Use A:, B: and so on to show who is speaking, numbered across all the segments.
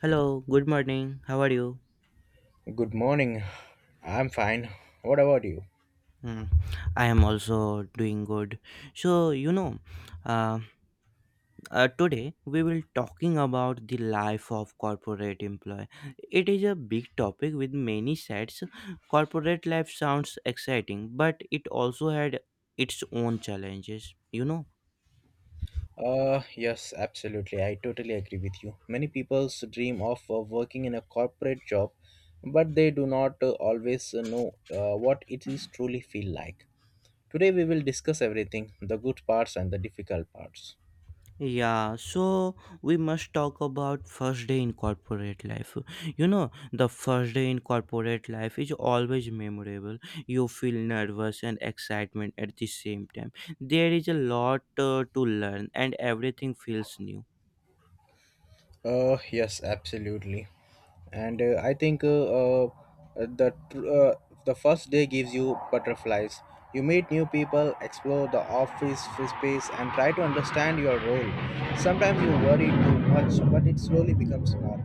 A: Hello, good morning. How are you?
B: Good morning. I'm fine. What about you?
A: Mm, I am also doing good. So, you know, uh, Today we will talking about the life of corporate employee. It is a big topic with many sides. Corporate life sounds exciting, but it also had its own challenges.
B: Yes, absolutely. I totally agree with you. Many people dream of working in a corporate job, but they do not always know what it is truly feel like. Today we will discuss everything, the good parts and the difficult parts.
A: Yeah, so we must talk about first day in corporate life. You know, the first day in corporate life is always memorable. You feel nervous and excitement at the same time. There is a lot to learn and everything feels new.
B: Yes, absolutely. And I think the tr- the first day gives you butterflies. You meet new people, explore the space, and try to understand your role. Sometimes you worry too much, but it slowly becomes normal.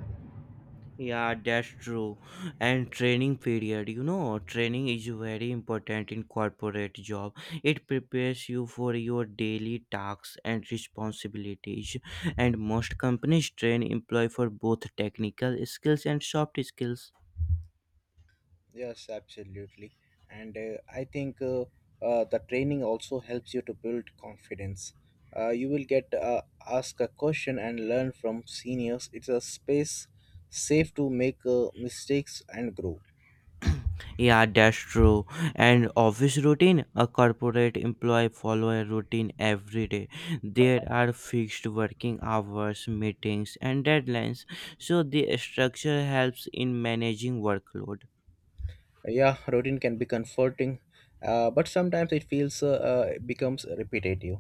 A: Yeah, that's true. And training period, you know, training is very important in corporate job. It prepares you for your daily tasks and responsibilities. And most companies train employee for both technical skills and soft skills.
B: Yes, absolutely. And I think the training also helps you to build confidence. You will get ask a question and learn from seniors. It's a space safe to make mistakes and grow.
A: Yeah, that's true. And office routine, a corporate employee follow a routine every day. There are fixed working hours, meetings, and deadlines. So the structure helps in managing workload.
B: Yeah, routine can be comforting, but sometimes it becomes repetitive.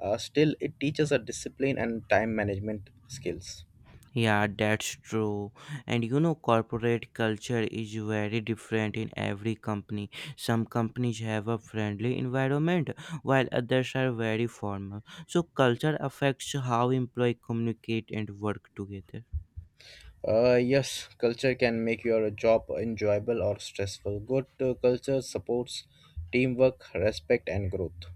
B: Still, it teaches a discipline and time management skills.
A: Yeah, that's true. And you know, corporate culture is very different in every company. Some companies have a friendly environment, while others are very formal. So culture affects how employees communicate and work together.
B: Yes, culture can make your job enjoyable or stressful. Good culture supports teamwork, respect, and growth.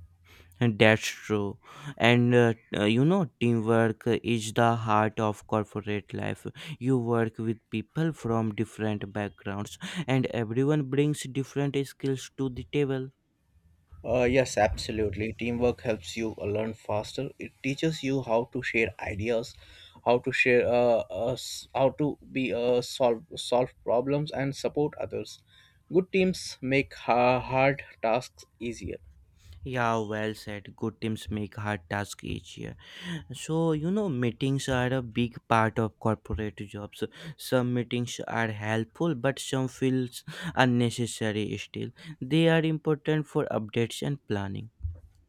A: And that's true. And you know, teamwork is the heart of corporate life. You work with people from different backgrounds, and everyone brings different skills to the table.
B: Yes, absolutely. Teamwork helps you learn faster. It teaches you how to share ideas, how to share, s- how to be solve solve problems and support others. Good teams make hard tasks easier.
A: Yeah, well said. Good teams make hard tasks easier. So, you know, meetings are a big part of corporate jobs. Some meetings are helpful, but some feels unnecessary still. They are important for updates and planning.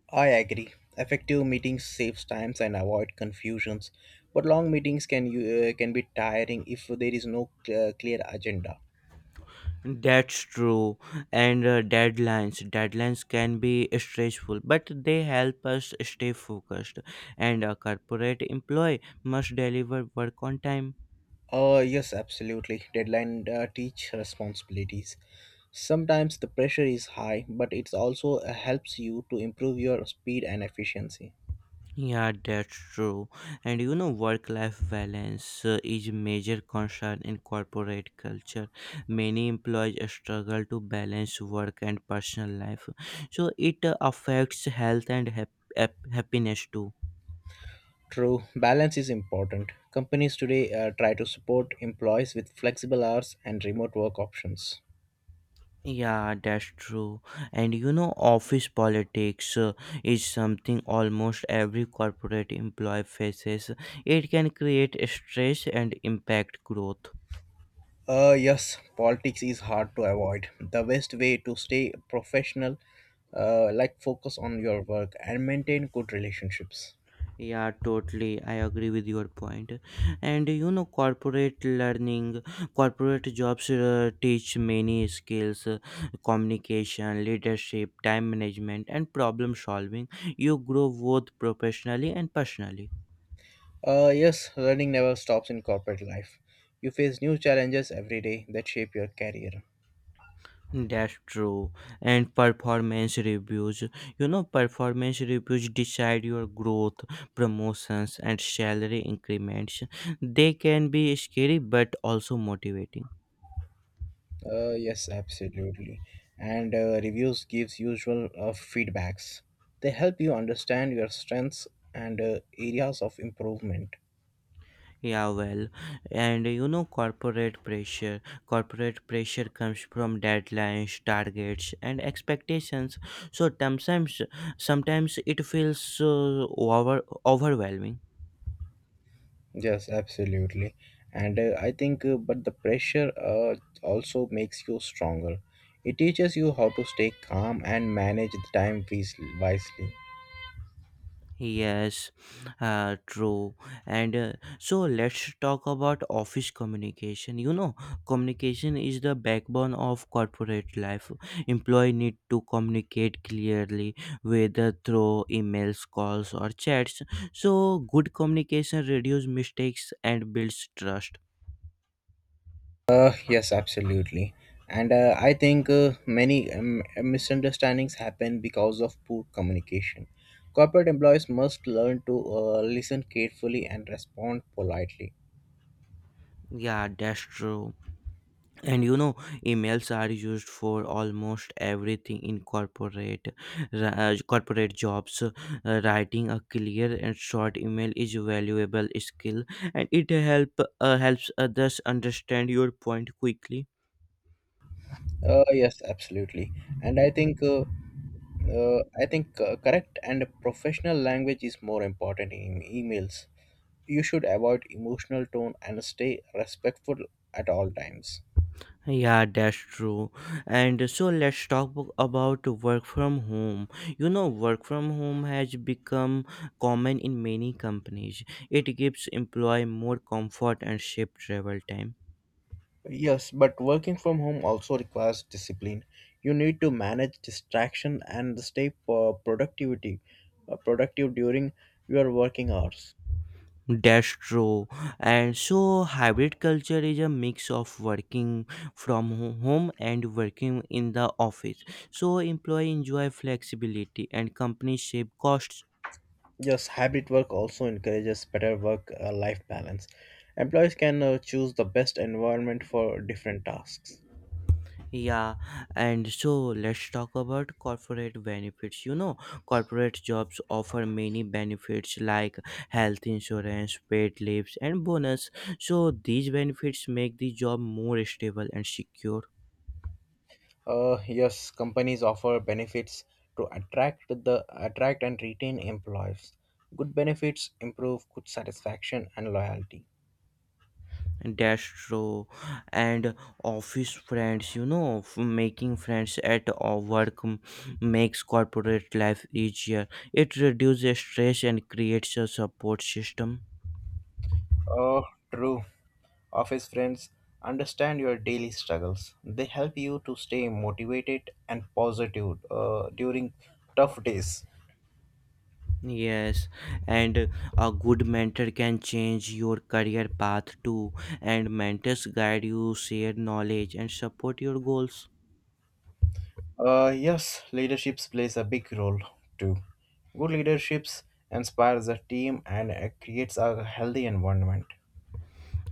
B: I agree. Effective meetings saves times and avoid confusions, but long meetings can be tiring if there is no clear agenda.
A: That's true. And deadlines. Deadlines can be stressful, but they help us stay focused. And a corporate employee must deliver work on time.
B: Yes, absolutely. Deadline teach responsibilities. Sometimes the pressure is high, but it also helps you to improve your speed and efficiency.
A: Yeah, that's true. And you know, work life balance is a major concern in corporate culture. Many employees struggle to balance work and personal life, so it affects health and happiness too.
B: True, balance is important. Companies today try to support employees with flexible hours and remote work options.
A: Yeah, that's true. And you know, office politics is something almost every corporate employee faces. It can create stress and impact growth.
B: Yes, politics is hard to avoid. The best way to stay professional, like focus on your work and maintain good relationships.
A: Yeah, totally. I agree with your point. And you know, corporate learning, corporate jobs teach many skills communication, leadership, time management, and problem solving. You grow both professionally and personally.
B: Yes, learning never stops in corporate life. You face new challenges every day that shape your career.
A: That's true. And performance reviews. You know, performance reviews decide your growth, promotions, and salary increments. They can be scary but also motivating.
B: Yes, absolutely. And reviews gives usual feedbacks. They help you understand your strengths and areas of improvement.
A: Yeah, well, and you know, corporate pressure. Corporate pressure comes from deadlines, targets, and expectations. So sometimes it feels overwhelming.
B: Yes, absolutely. And I think but the pressure also makes you stronger. It teaches you how to stay calm and manage the time wisely.
A: Yes, true. And so let's talk about office communication. You know, communication is the backbone of corporate life. Employee need to communicate clearly, whether through emails, calls, or chats. So good communication reduce mistakes and builds trust.
B: Yes, absolutely. And I think many misunderstandings happen because of poor communication. Corporate employees must learn to listen carefully and respond politely.
A: Yeah, that's true. And you know, emails are used for almost everything in corporate jobs. Writing a clear and short email is a valuable skill and it helps others understand your point quickly.
B: Yes, absolutely. And I think correct and professional language is more important in emails. You should avoid emotional tone and stay respectful at all times.
A: Yeah, that's true. And so let's talk about work from home. You know, work from home has become common in many companies. It gives employee more comfort and shape travel time.
B: Yes, but working from home also requires discipline. You need to manage distraction and stay productivity productive during your working hours.
A: That's true. And so, hybrid culture is a mix of working from home and working in the office. So, employee enjoy flexibility and company save costs.
B: Yes, hybrid work also encourages better work life balance. Employees can choose the best environment for different tasks.
A: Yeah, and so let's talk about corporate benefits. You know, corporate jobs offer many benefits like health insurance, paid leaves, and bonus. So, these benefits make the job more stable and secure.
B: Yes, companies offer benefits to attract and retain employees. Good benefits improve good satisfaction and loyalty.
A: That's true. And office friends, you know, making friends at work makes corporate life easier. It reduces stress and creates a support system.
B: Oh, true. Office friends understand your daily struggles. They help you to stay motivated and positive during tough days.
A: Yes, and a good mentor can change your career path too, and mentors guide you, share knowledge, and support your goals.
B: Yes, leaderships plays a big role too. Good leaderships inspires the team and creates a healthy environment.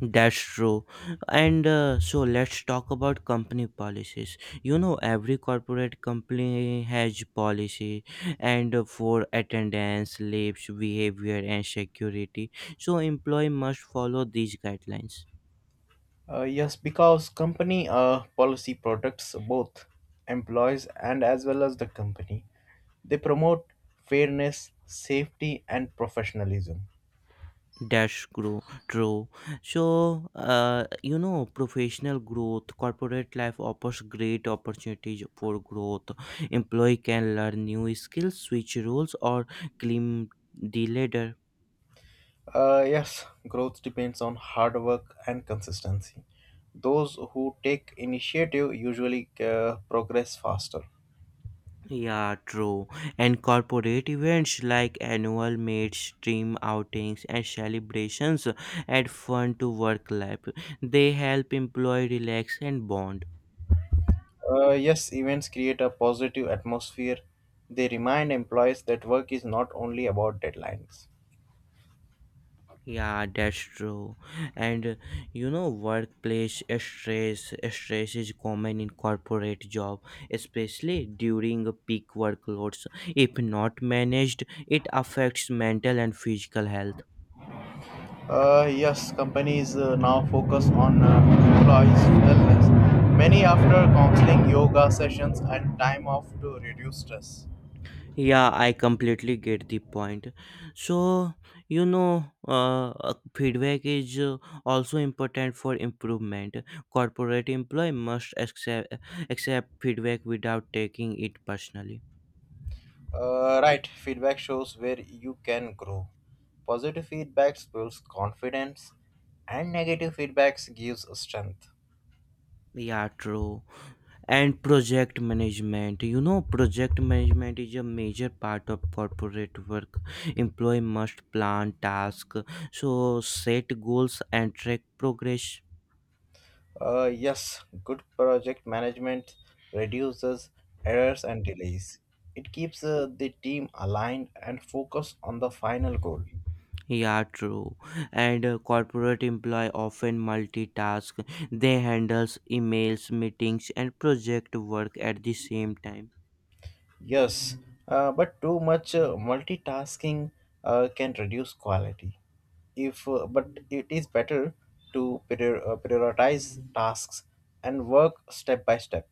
A: That's true. And so let's talk about company policies. You know, every corporate company has policy and for attendance, leaves, behavior, and security. So employee must follow these guidelines.
B: Yes, because company policy protects both employees and as well as the company. They promote fairness, safety, and professionalism.
A: That's true. True. So, you know, professional growth, corporate life offers great opportunities for growth. Employee can learn new skills, switch roles, or climb the ladder.
B: Yes, growth depends on hard work and consistency. Those who take initiative usually progress faster.
A: Yeah, true. And corporate events like annual mates, team outings, and celebrations add fun to work life. They help employee relax and bond.
B: Yes, events create a positive atmosphere. They remind employees that work is not only about deadlines.
A: Yeah, that's true. And You know, workplace stress is common in corporate job, especially during a peak workloads. If not managed, it affects mental and physical health.
B: Yes, companies now focus on employees' wellness. Many after counseling, yoga sessions, and time off to reduce stress.
A: Yeah, I completely get the point. So, you know, feedback is also important for improvement. Corporate employee must accept feedback without taking it personally.
B: Right, feedback shows where you can grow. Positive feedbacks builds confidence, and negative feedbacks gives strength.
A: Yeah, true. And project management. You know, project management is a major part of corporate work. Employee must plan tasks, so set goals and track progress.
B: Yes, good project management reduces errors and delays. It keeps the team aligned and focused on the final goal.
A: Yeah, true. And corporate employee often multitask. They handles emails, meetings, and project work at the same time.
B: Yes, but too much multitasking can reduce quality. If but it is better to prioritize tasks and work step by step.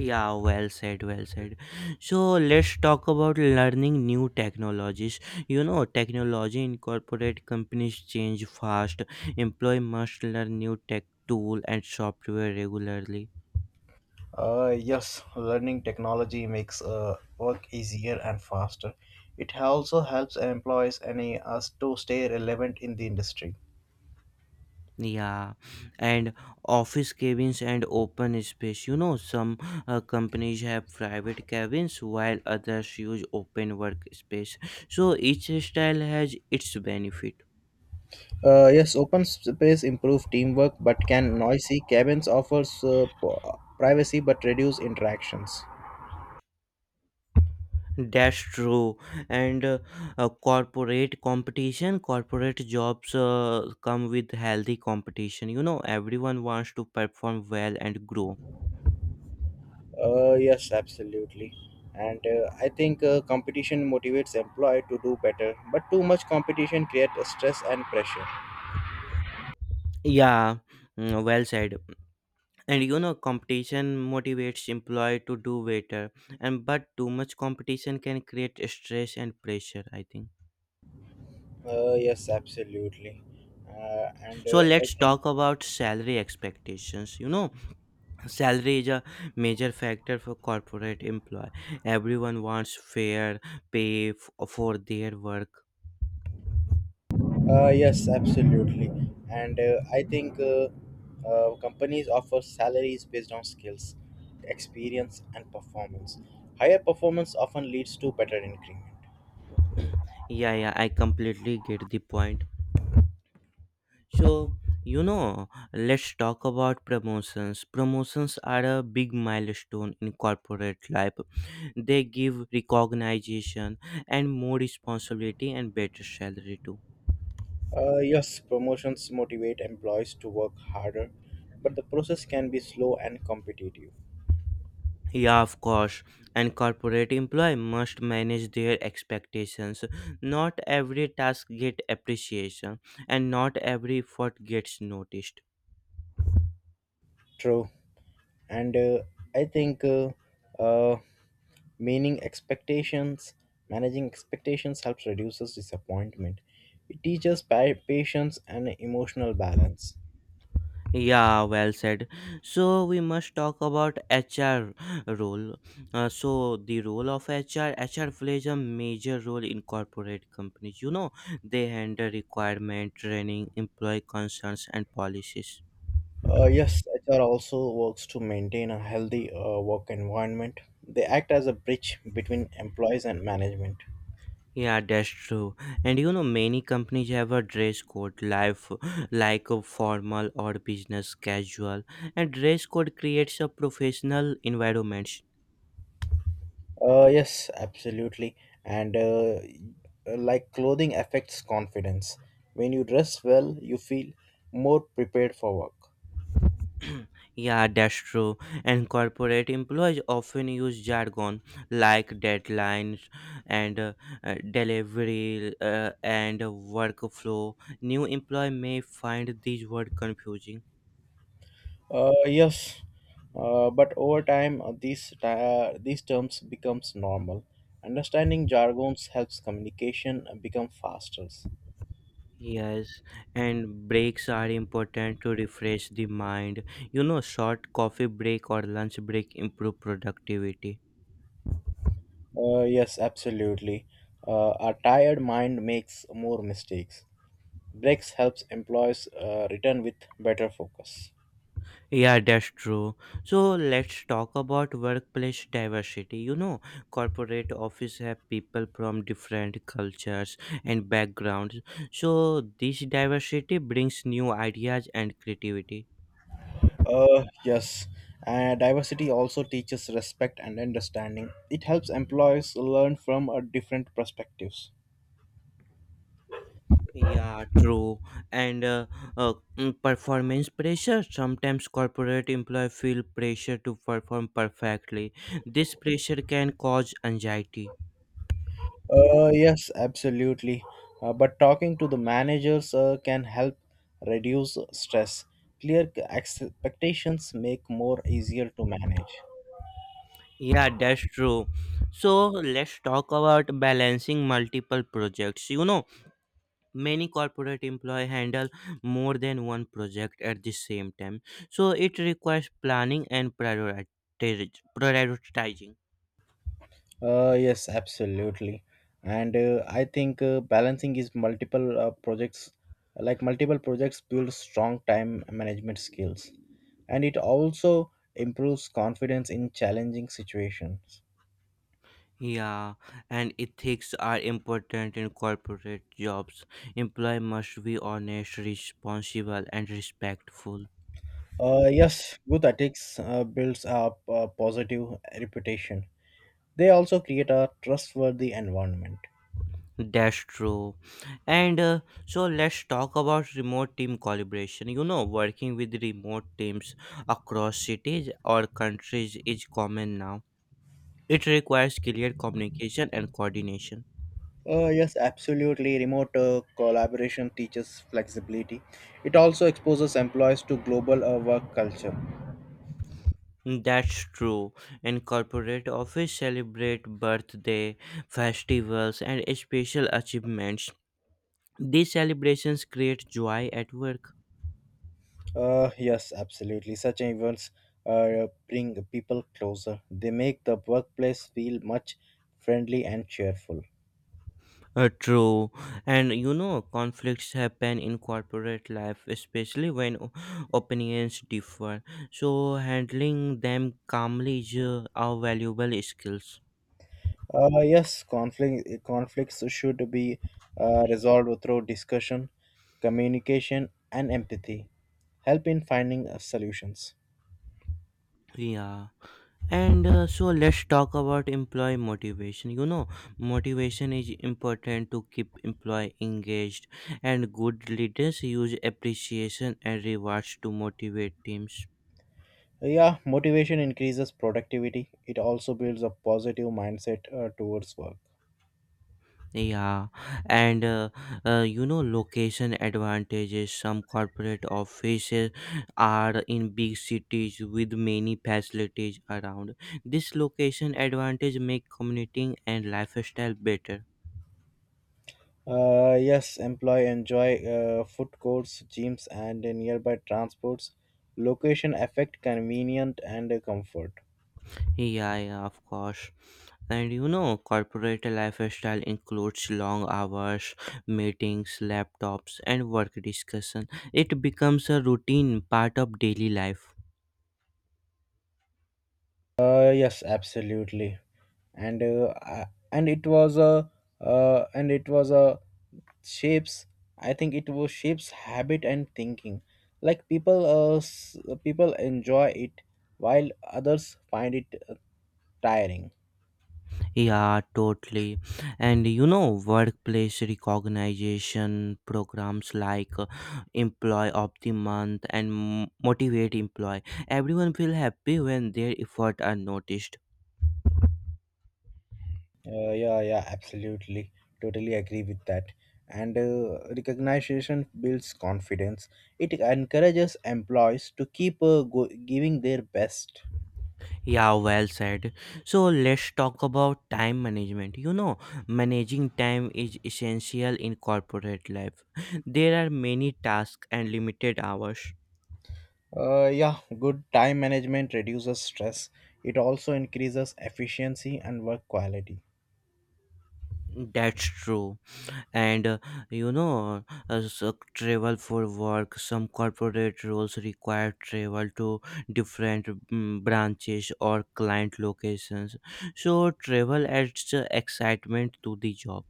A: Yeah, well said, well said. So let's talk about learning new technologies. You know, technology in corporate companies change fast. Employee must learn new tech tool and software regularly.
B: Yes, learning technology makes work easier and faster. It also helps employees and us to stay relevant in the industry.
A: Yeah, and office cabins and open space. You know, some companies have private cabins while others use open workspace. So each style has its benefit.
B: Yes, open space improve teamwork but can noisy. Cabins offers privacy but reduce interactions.
A: That's true. And Corporate competition, corporate jobs come with healthy competition. You know, everyone wants to perform well and grow.
B: Yes, absolutely. And I think competition motivates employee to do better, but too much competition creates stress and pressure.
A: Yeah, well said. And you know, competition motivates employee to do better, and but too much competition can create stress and pressure, I think.
B: Yes, absolutely. Uh, and
A: So
B: uh, I
A: let's
B: think
A: talk about salary expectations. You know, salary is a major factor for corporate employee. Everyone wants fair pay for their work.
B: Yes, absolutely. And I think companies offer salaries based on skills, experience, and performance. Higher performance often leads to better increment.
A: Yeah, yeah, I completely get the point. So, you know, let's talk about promotions. Promotions are a big milestone in corporate life. They give recognition and more responsibility and better salary too.
B: Yes, promotions motivate employees to work harder, but the process can be slow and competitive.
A: Yeah, of course. And corporate employee must manage their expectations. Not every task get appreciation and not every effort gets noticed.
B: True. And I think uh, meaning expectations managing expectations helps reduces disappointment. It teaches patience and emotional balance.
A: Yeah, well said. So we must talk about HR role. So the role of HR, HR plays a major role in corporate companies. You know, they handle requirement, training, employee concerns, and policies.
B: Yes, HR also works to maintain a healthy work environment. They act as a bridge between employees and management.
A: Yeah, that's true. And you know, many companies have a dress code, life like a formal or business casual, and dress code creates a professional environment.
B: Uh, yes, absolutely. And like clothing affects confidence. When you dress well, you feel more prepared for work.
A: Yeah, that's true. And corporate employees often use jargon like deadlines and delivery and workflow. New employee may find these words confusing.
B: Yes, but over time, these terms becomes normal. Understanding jargons helps communication become faster.
A: Yes, and breaks are important to refresh the mind. You know, short coffee break or lunch break improve productivity.
B: Yes, absolutely. A tired mind makes more mistakes. Breaks helps employees return with better focus.
A: Yeah, that's true. So let's talk about workplace diversity. You know, corporate office have people from different cultures and backgrounds. So this diversity brings new ideas and creativity.
B: Yes, and diversity also teaches respect and understanding. It helps employees learn from different perspectives.
A: Yeah, true. And uh, Performance pressure. Sometimes corporate employees feel pressure to perform perfectly. This pressure can cause anxiety.
B: Yes, absolutely. But talking to the managers can help reduce stress. Clear expectations make more easier to manage.
A: Yeah, that's true. So let's talk about balancing multiple projects. You know, many corporate employee handle more than one project at the same time. So it requires planning and prioritizing.
B: Yes, absolutely. And I think balancing is multiple projects, like multiple projects build strong time management skills. And it also improves confidence in challenging situations.
A: Yeah, and ethics are important in corporate jobs. Employee must be honest, responsible, and respectful.
B: Yes, good ethics builds up a positive reputation. They also create a trustworthy environment.
A: That's true. And so let's talk about remote team collaboration. You know, working with remote teams across cities or countries is common now. It requires clear communication and coordination.
B: Yes, absolutely. Remote collaboration teaches flexibility. It also exposes employees to global work culture.
A: That's true. In corporate office celebrate birthday, festivals and special achievements. These celebrations create joy at work.
B: Yes, absolutely. Such events bring people closer. They make the workplace feel much friendly and cheerful.
A: True, and you know, conflicts happen in corporate life, especially when opinions differ. So, handling them calmly is our valuable skills.
B: Yes, conflicts should be resolved through discussion, communication, and empathy. Help in finding solutions.
A: Yeah, and so let's talk about employee motivation. You know, motivation is important to keep employee engaged, and good leaders use appreciation and rewards to motivate teams.
B: Yeah, motivation increases productivity. It also builds a positive mindset towards work.
A: Yeah, and you know, location advantages. Some corporate offices are in big cities with many facilities around. This location advantage make commuting and lifestyle better.
B: Yes, employee enjoy food courts, gyms, and nearby transports. Location affect convenient and comfort.
A: Yeah, yeah, of course. And you know, corporate lifestyle includes long hours, meetings, laptops, and work discussion. It becomes a routine part of daily life.
B: Yes, absolutely. And I- and it was a and it was a shapes I think it was shapes habit and thinking. Like people, uh, s- people enjoy it while others find it tiring.
A: Yeah, totally. And you know, workplace recognition programs like Employee of the Month and Motivate Employee. Everyone feel happy when their effort are noticed.
B: Yeah, yeah, absolutely. Totally agree with that. And recognition builds confidence. It encourages employees to keep giving their best.
A: Yeah, well said. So let's talk about time management. You know, managing time is essential in corporate life. There are many tasks and limited hours.
B: Yeah, good time management reduces stress. It also increases efficiency and work quality.
A: That's true. And You know, so travel for work. Some corporate roles require travel to different branches or client locations. So travel adds excitement to the job.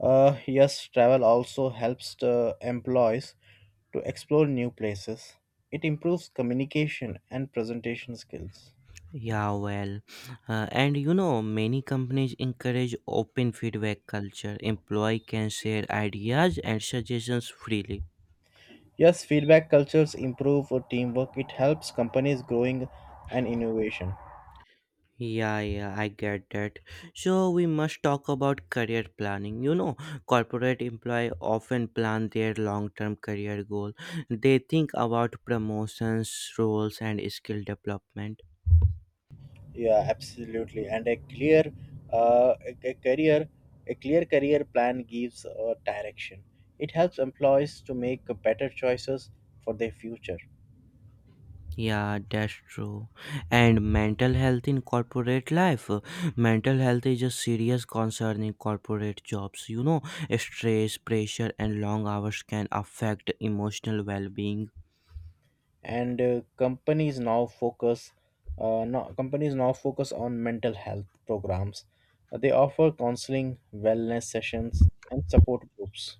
B: Yes, travel also helps the employees to explore new places. It improves communication and presentation skills.
A: Yeah, well, and you know, many companies encourage open feedback culture. Employee can share ideas and suggestions freely.
B: Yes, feedback cultures improve for teamwork. It helps companies growing and innovation.
A: Yeah, yeah, I get that. So we must talk about career planning. You know, corporate employee often plan their long-term career goal. They think about promotions, roles, and skill development.
B: Yeah, absolutely. And a clear, uh, a, a career, a clear career plan gives a direction. It helps employees to make better choices for their future.
A: Yeah, that's true. And mental health in corporate life. Mental health is a serious concern in corporate jobs. You know, stress, pressure, and long hours can affect emotional well-being.
B: And companies now focus, no, Companies now focus on mental health programs. They offer counseling, wellness sessions, and support groups.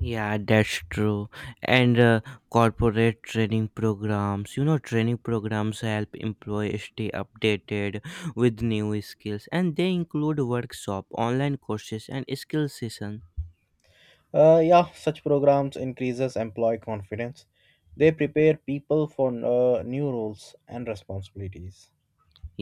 A: Yeah, that's true. And corporate training programs, you know, training programs help employees stay updated with new skills, and they include workshop, online courses, and skill session.
B: Yeah, such programs increases employee confidence. They prepare people for new roles and responsibilities.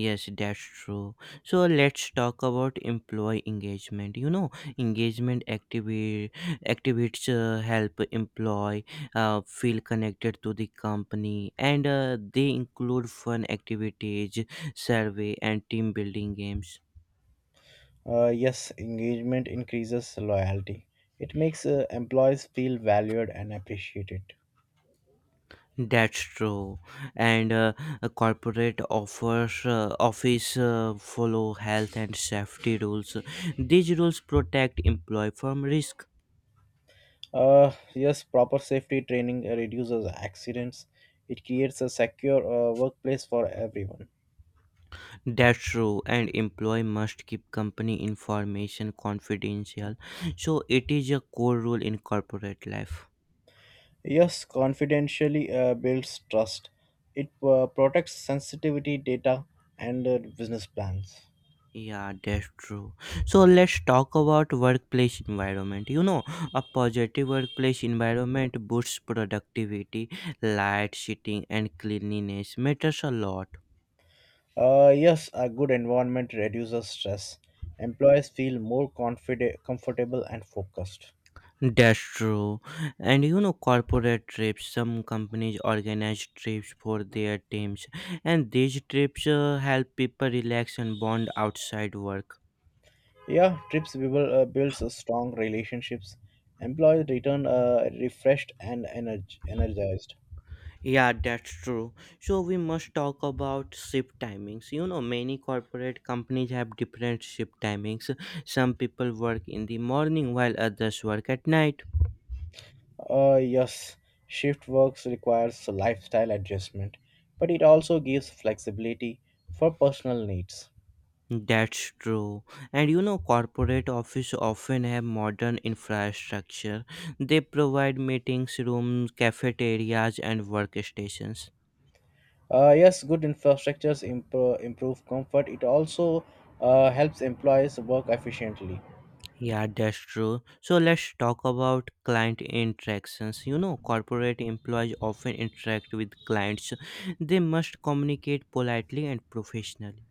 A: Yes, that's true. So let's talk about employee engagement. You know, engagement activi- activities help employee feel connected to the company, and they include fun activities, survey, and team building games.
B: Yes, engagement increases loyalty. It makes employees feel valued and appreciated.
A: That's true, and a corporate offers office follow health and safety rules. These rules protect employee from risk.
B: Yes, proper safety training reduces accidents. It creates a secure workplace for everyone.
A: That's true, and employee must keep company information confidential. So it is a core rule in corporate life.
B: Yes, confidentially builds trust. It protects sensitivity data and business plans.
A: Yeah, that's true. So let's talk about workplace environment. You know, a positive workplace environment boosts productivity, light, seating, and cleanliness matters a lot.
B: Yes, a good environment reduces stress. Employees feel more confide comfortable, and focused.
A: That's true. And you know, corporate trips, some companies organize trips for their teams, and these trips help people relax and bond outside work.
B: Yeah, trips builds a strong relationships. Employees return refreshed and energized.
A: Yeah, that's true. So, we must talk about shift timings. You know, many corporate companies have different shift timings. Some people work in the morning while others work at night.
B: Yes, shift works requires lifestyle adjustment, but it also gives flexibility for personal needs.
A: That's true. And you know, corporate office often have modern infrastructure. They provide meetings rooms, cafeterias, and workstations.
B: Yes, good infrastructures improve comfort. It also helps employees work efficiently.
A: Yeah, that's true. So let's talk about client interactions. You know, corporate employees often interact with clients. They must communicate politely and professionally.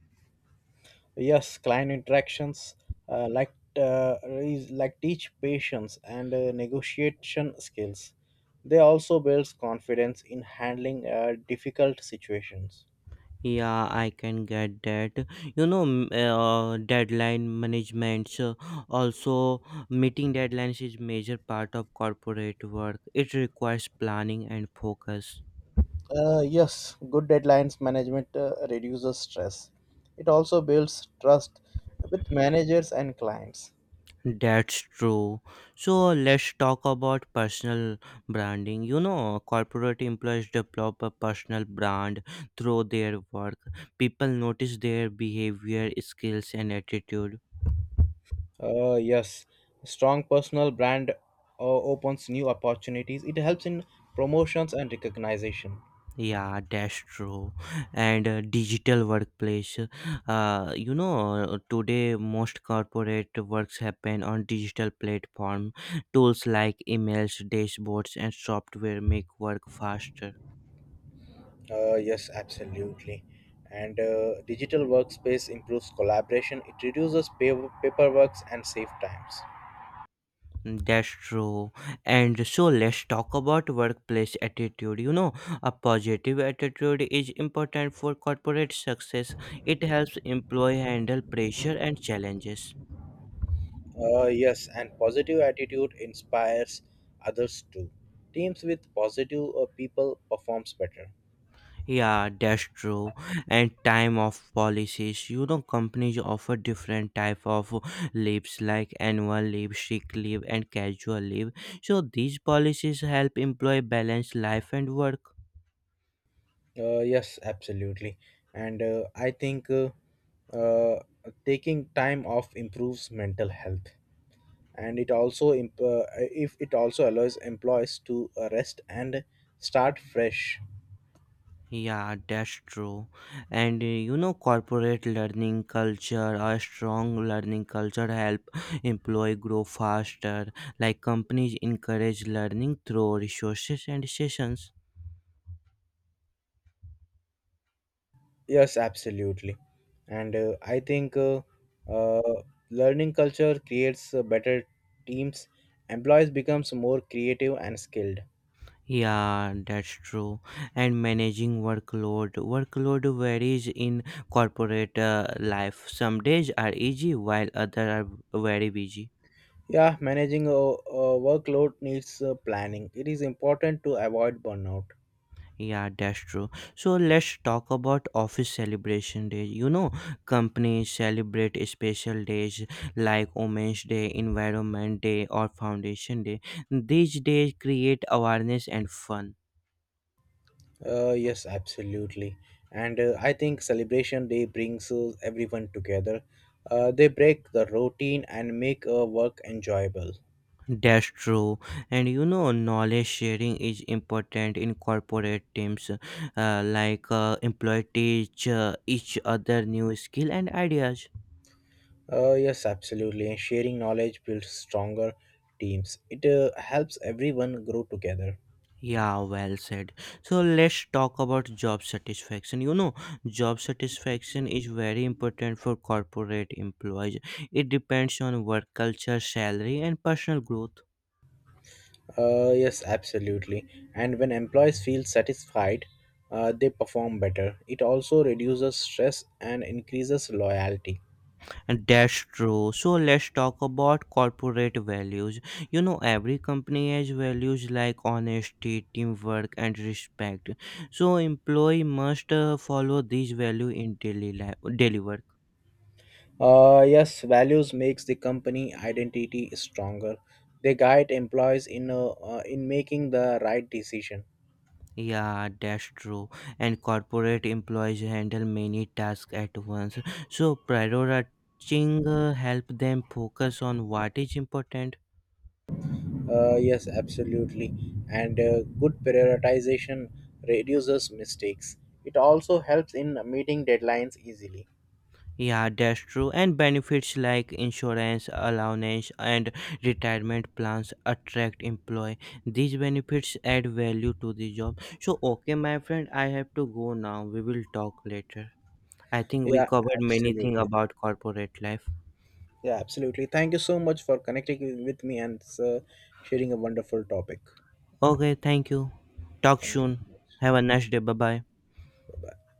B: Yes, client interactions teach patience and negotiation skills. They also builds confidence in handling difficult situations.
A: Yeah, I can get that. You know, deadline management, also meeting deadlines is major part of corporate work. It requires planning and focus.
B: Yes, good deadlines management reduces stress. It also builds trust with managers and clients.
A: That's true. So let's talk about personal branding. You know, corporate employees develop a personal brand through their work. People notice their behavior, skills, and attitude.
B: Yes, strong personal brand opens new opportunities. It helps in promotions and recognition.
A: Yeah, that's true. And digital workplace. You know, today most corporate works happen on digital platform. Tools like emails, dashboards, and software make work faster.
B: Yes, absolutely. And digital workspace improves collaboration. It reduces paperwork and save times.
A: Mm, that's true. And so let's talk about workplace attitude. You know, a positive attitude is important for corporate success. It helps employee handle pressure and challenges.
B: Yes, and positive attitude inspires others too. Teams with positive people performs better.
A: Yeah, that's true. And time of policies, you know, companies offer different type of leaves like annual leave, sick leave, and casual leave. So these policies help employee balance life and work.
B: Yes, absolutely. And I think uh, taking time off improves mental health. And it also imp- if it also allows employees to rest and start fresh.
A: Yeah, that's true. And you know, corporate learning culture, a strong learning culture help employee grow faster. Like companies encourage learning through resources and sessions.
B: Yes, absolutely. And I think uh, learning culture creates better teams. Employees becomes more creative and skilled.
A: Yeah, that's true. And managing workload. Workload varies in corporate life. Some days are easy while others are very busy.
B: Yeah, managing a workload needs planning. It is important to avoid burnout.
A: Yeah, that's true. So let's talk about office celebration days. You know, companies celebrate special days like Women's Day, Environment Day, or Foundation Day. These days create awareness and fun.
B: Yes, absolutely. And I think celebration day brings everyone together. They break the routine and make work enjoyable.
A: That's true, and you know, knowledge sharing is important in corporate teams. Like employee teach each other new skill and ideas.
B: Yes, absolutely. And sharing knowledge builds stronger teams. It helps everyone grow together.
A: Yeah, well said. So let's talk about job satisfaction. You know, job satisfaction is very important for corporate employees. It depends on work culture, salary, and personal growth.
B: Yes, absolutely. And when employees feel satisfied, they perform better. It also reduces stress and increases loyalty.
A: That's true. So let's talk about corporate values. You know, every company has values like honesty, teamwork, and respect. So employee must follow these values in daily life, daily work.
B: Yes, values makes the company identity stronger. They guide employees in making the right decision.
A: Yeah, that's true. And corporate employees handle many tasks at once. So prioritizing help them focus on what is important.
B: Yes, absolutely. And good prioritization reduces mistakes. It also helps in meeting deadlines easily.
A: Yeah, that's true. And benefits like insurance, allowance, and retirement plans attract employee. These benefits add value to the job. So, okay, my friend, I have to go now. We will talk later. I think we
B: Yeah,
A: covered many things
B: absolutely.
A: about corporate life.
B: Yeah, absolutely. Thank you so much for connecting with me and sharing a wonderful topic.
A: Okay, thank you. Talk
B: Thank you
A: soon.
B: so much.
A: Have a nice day. Bye bye.
B: Bye bye.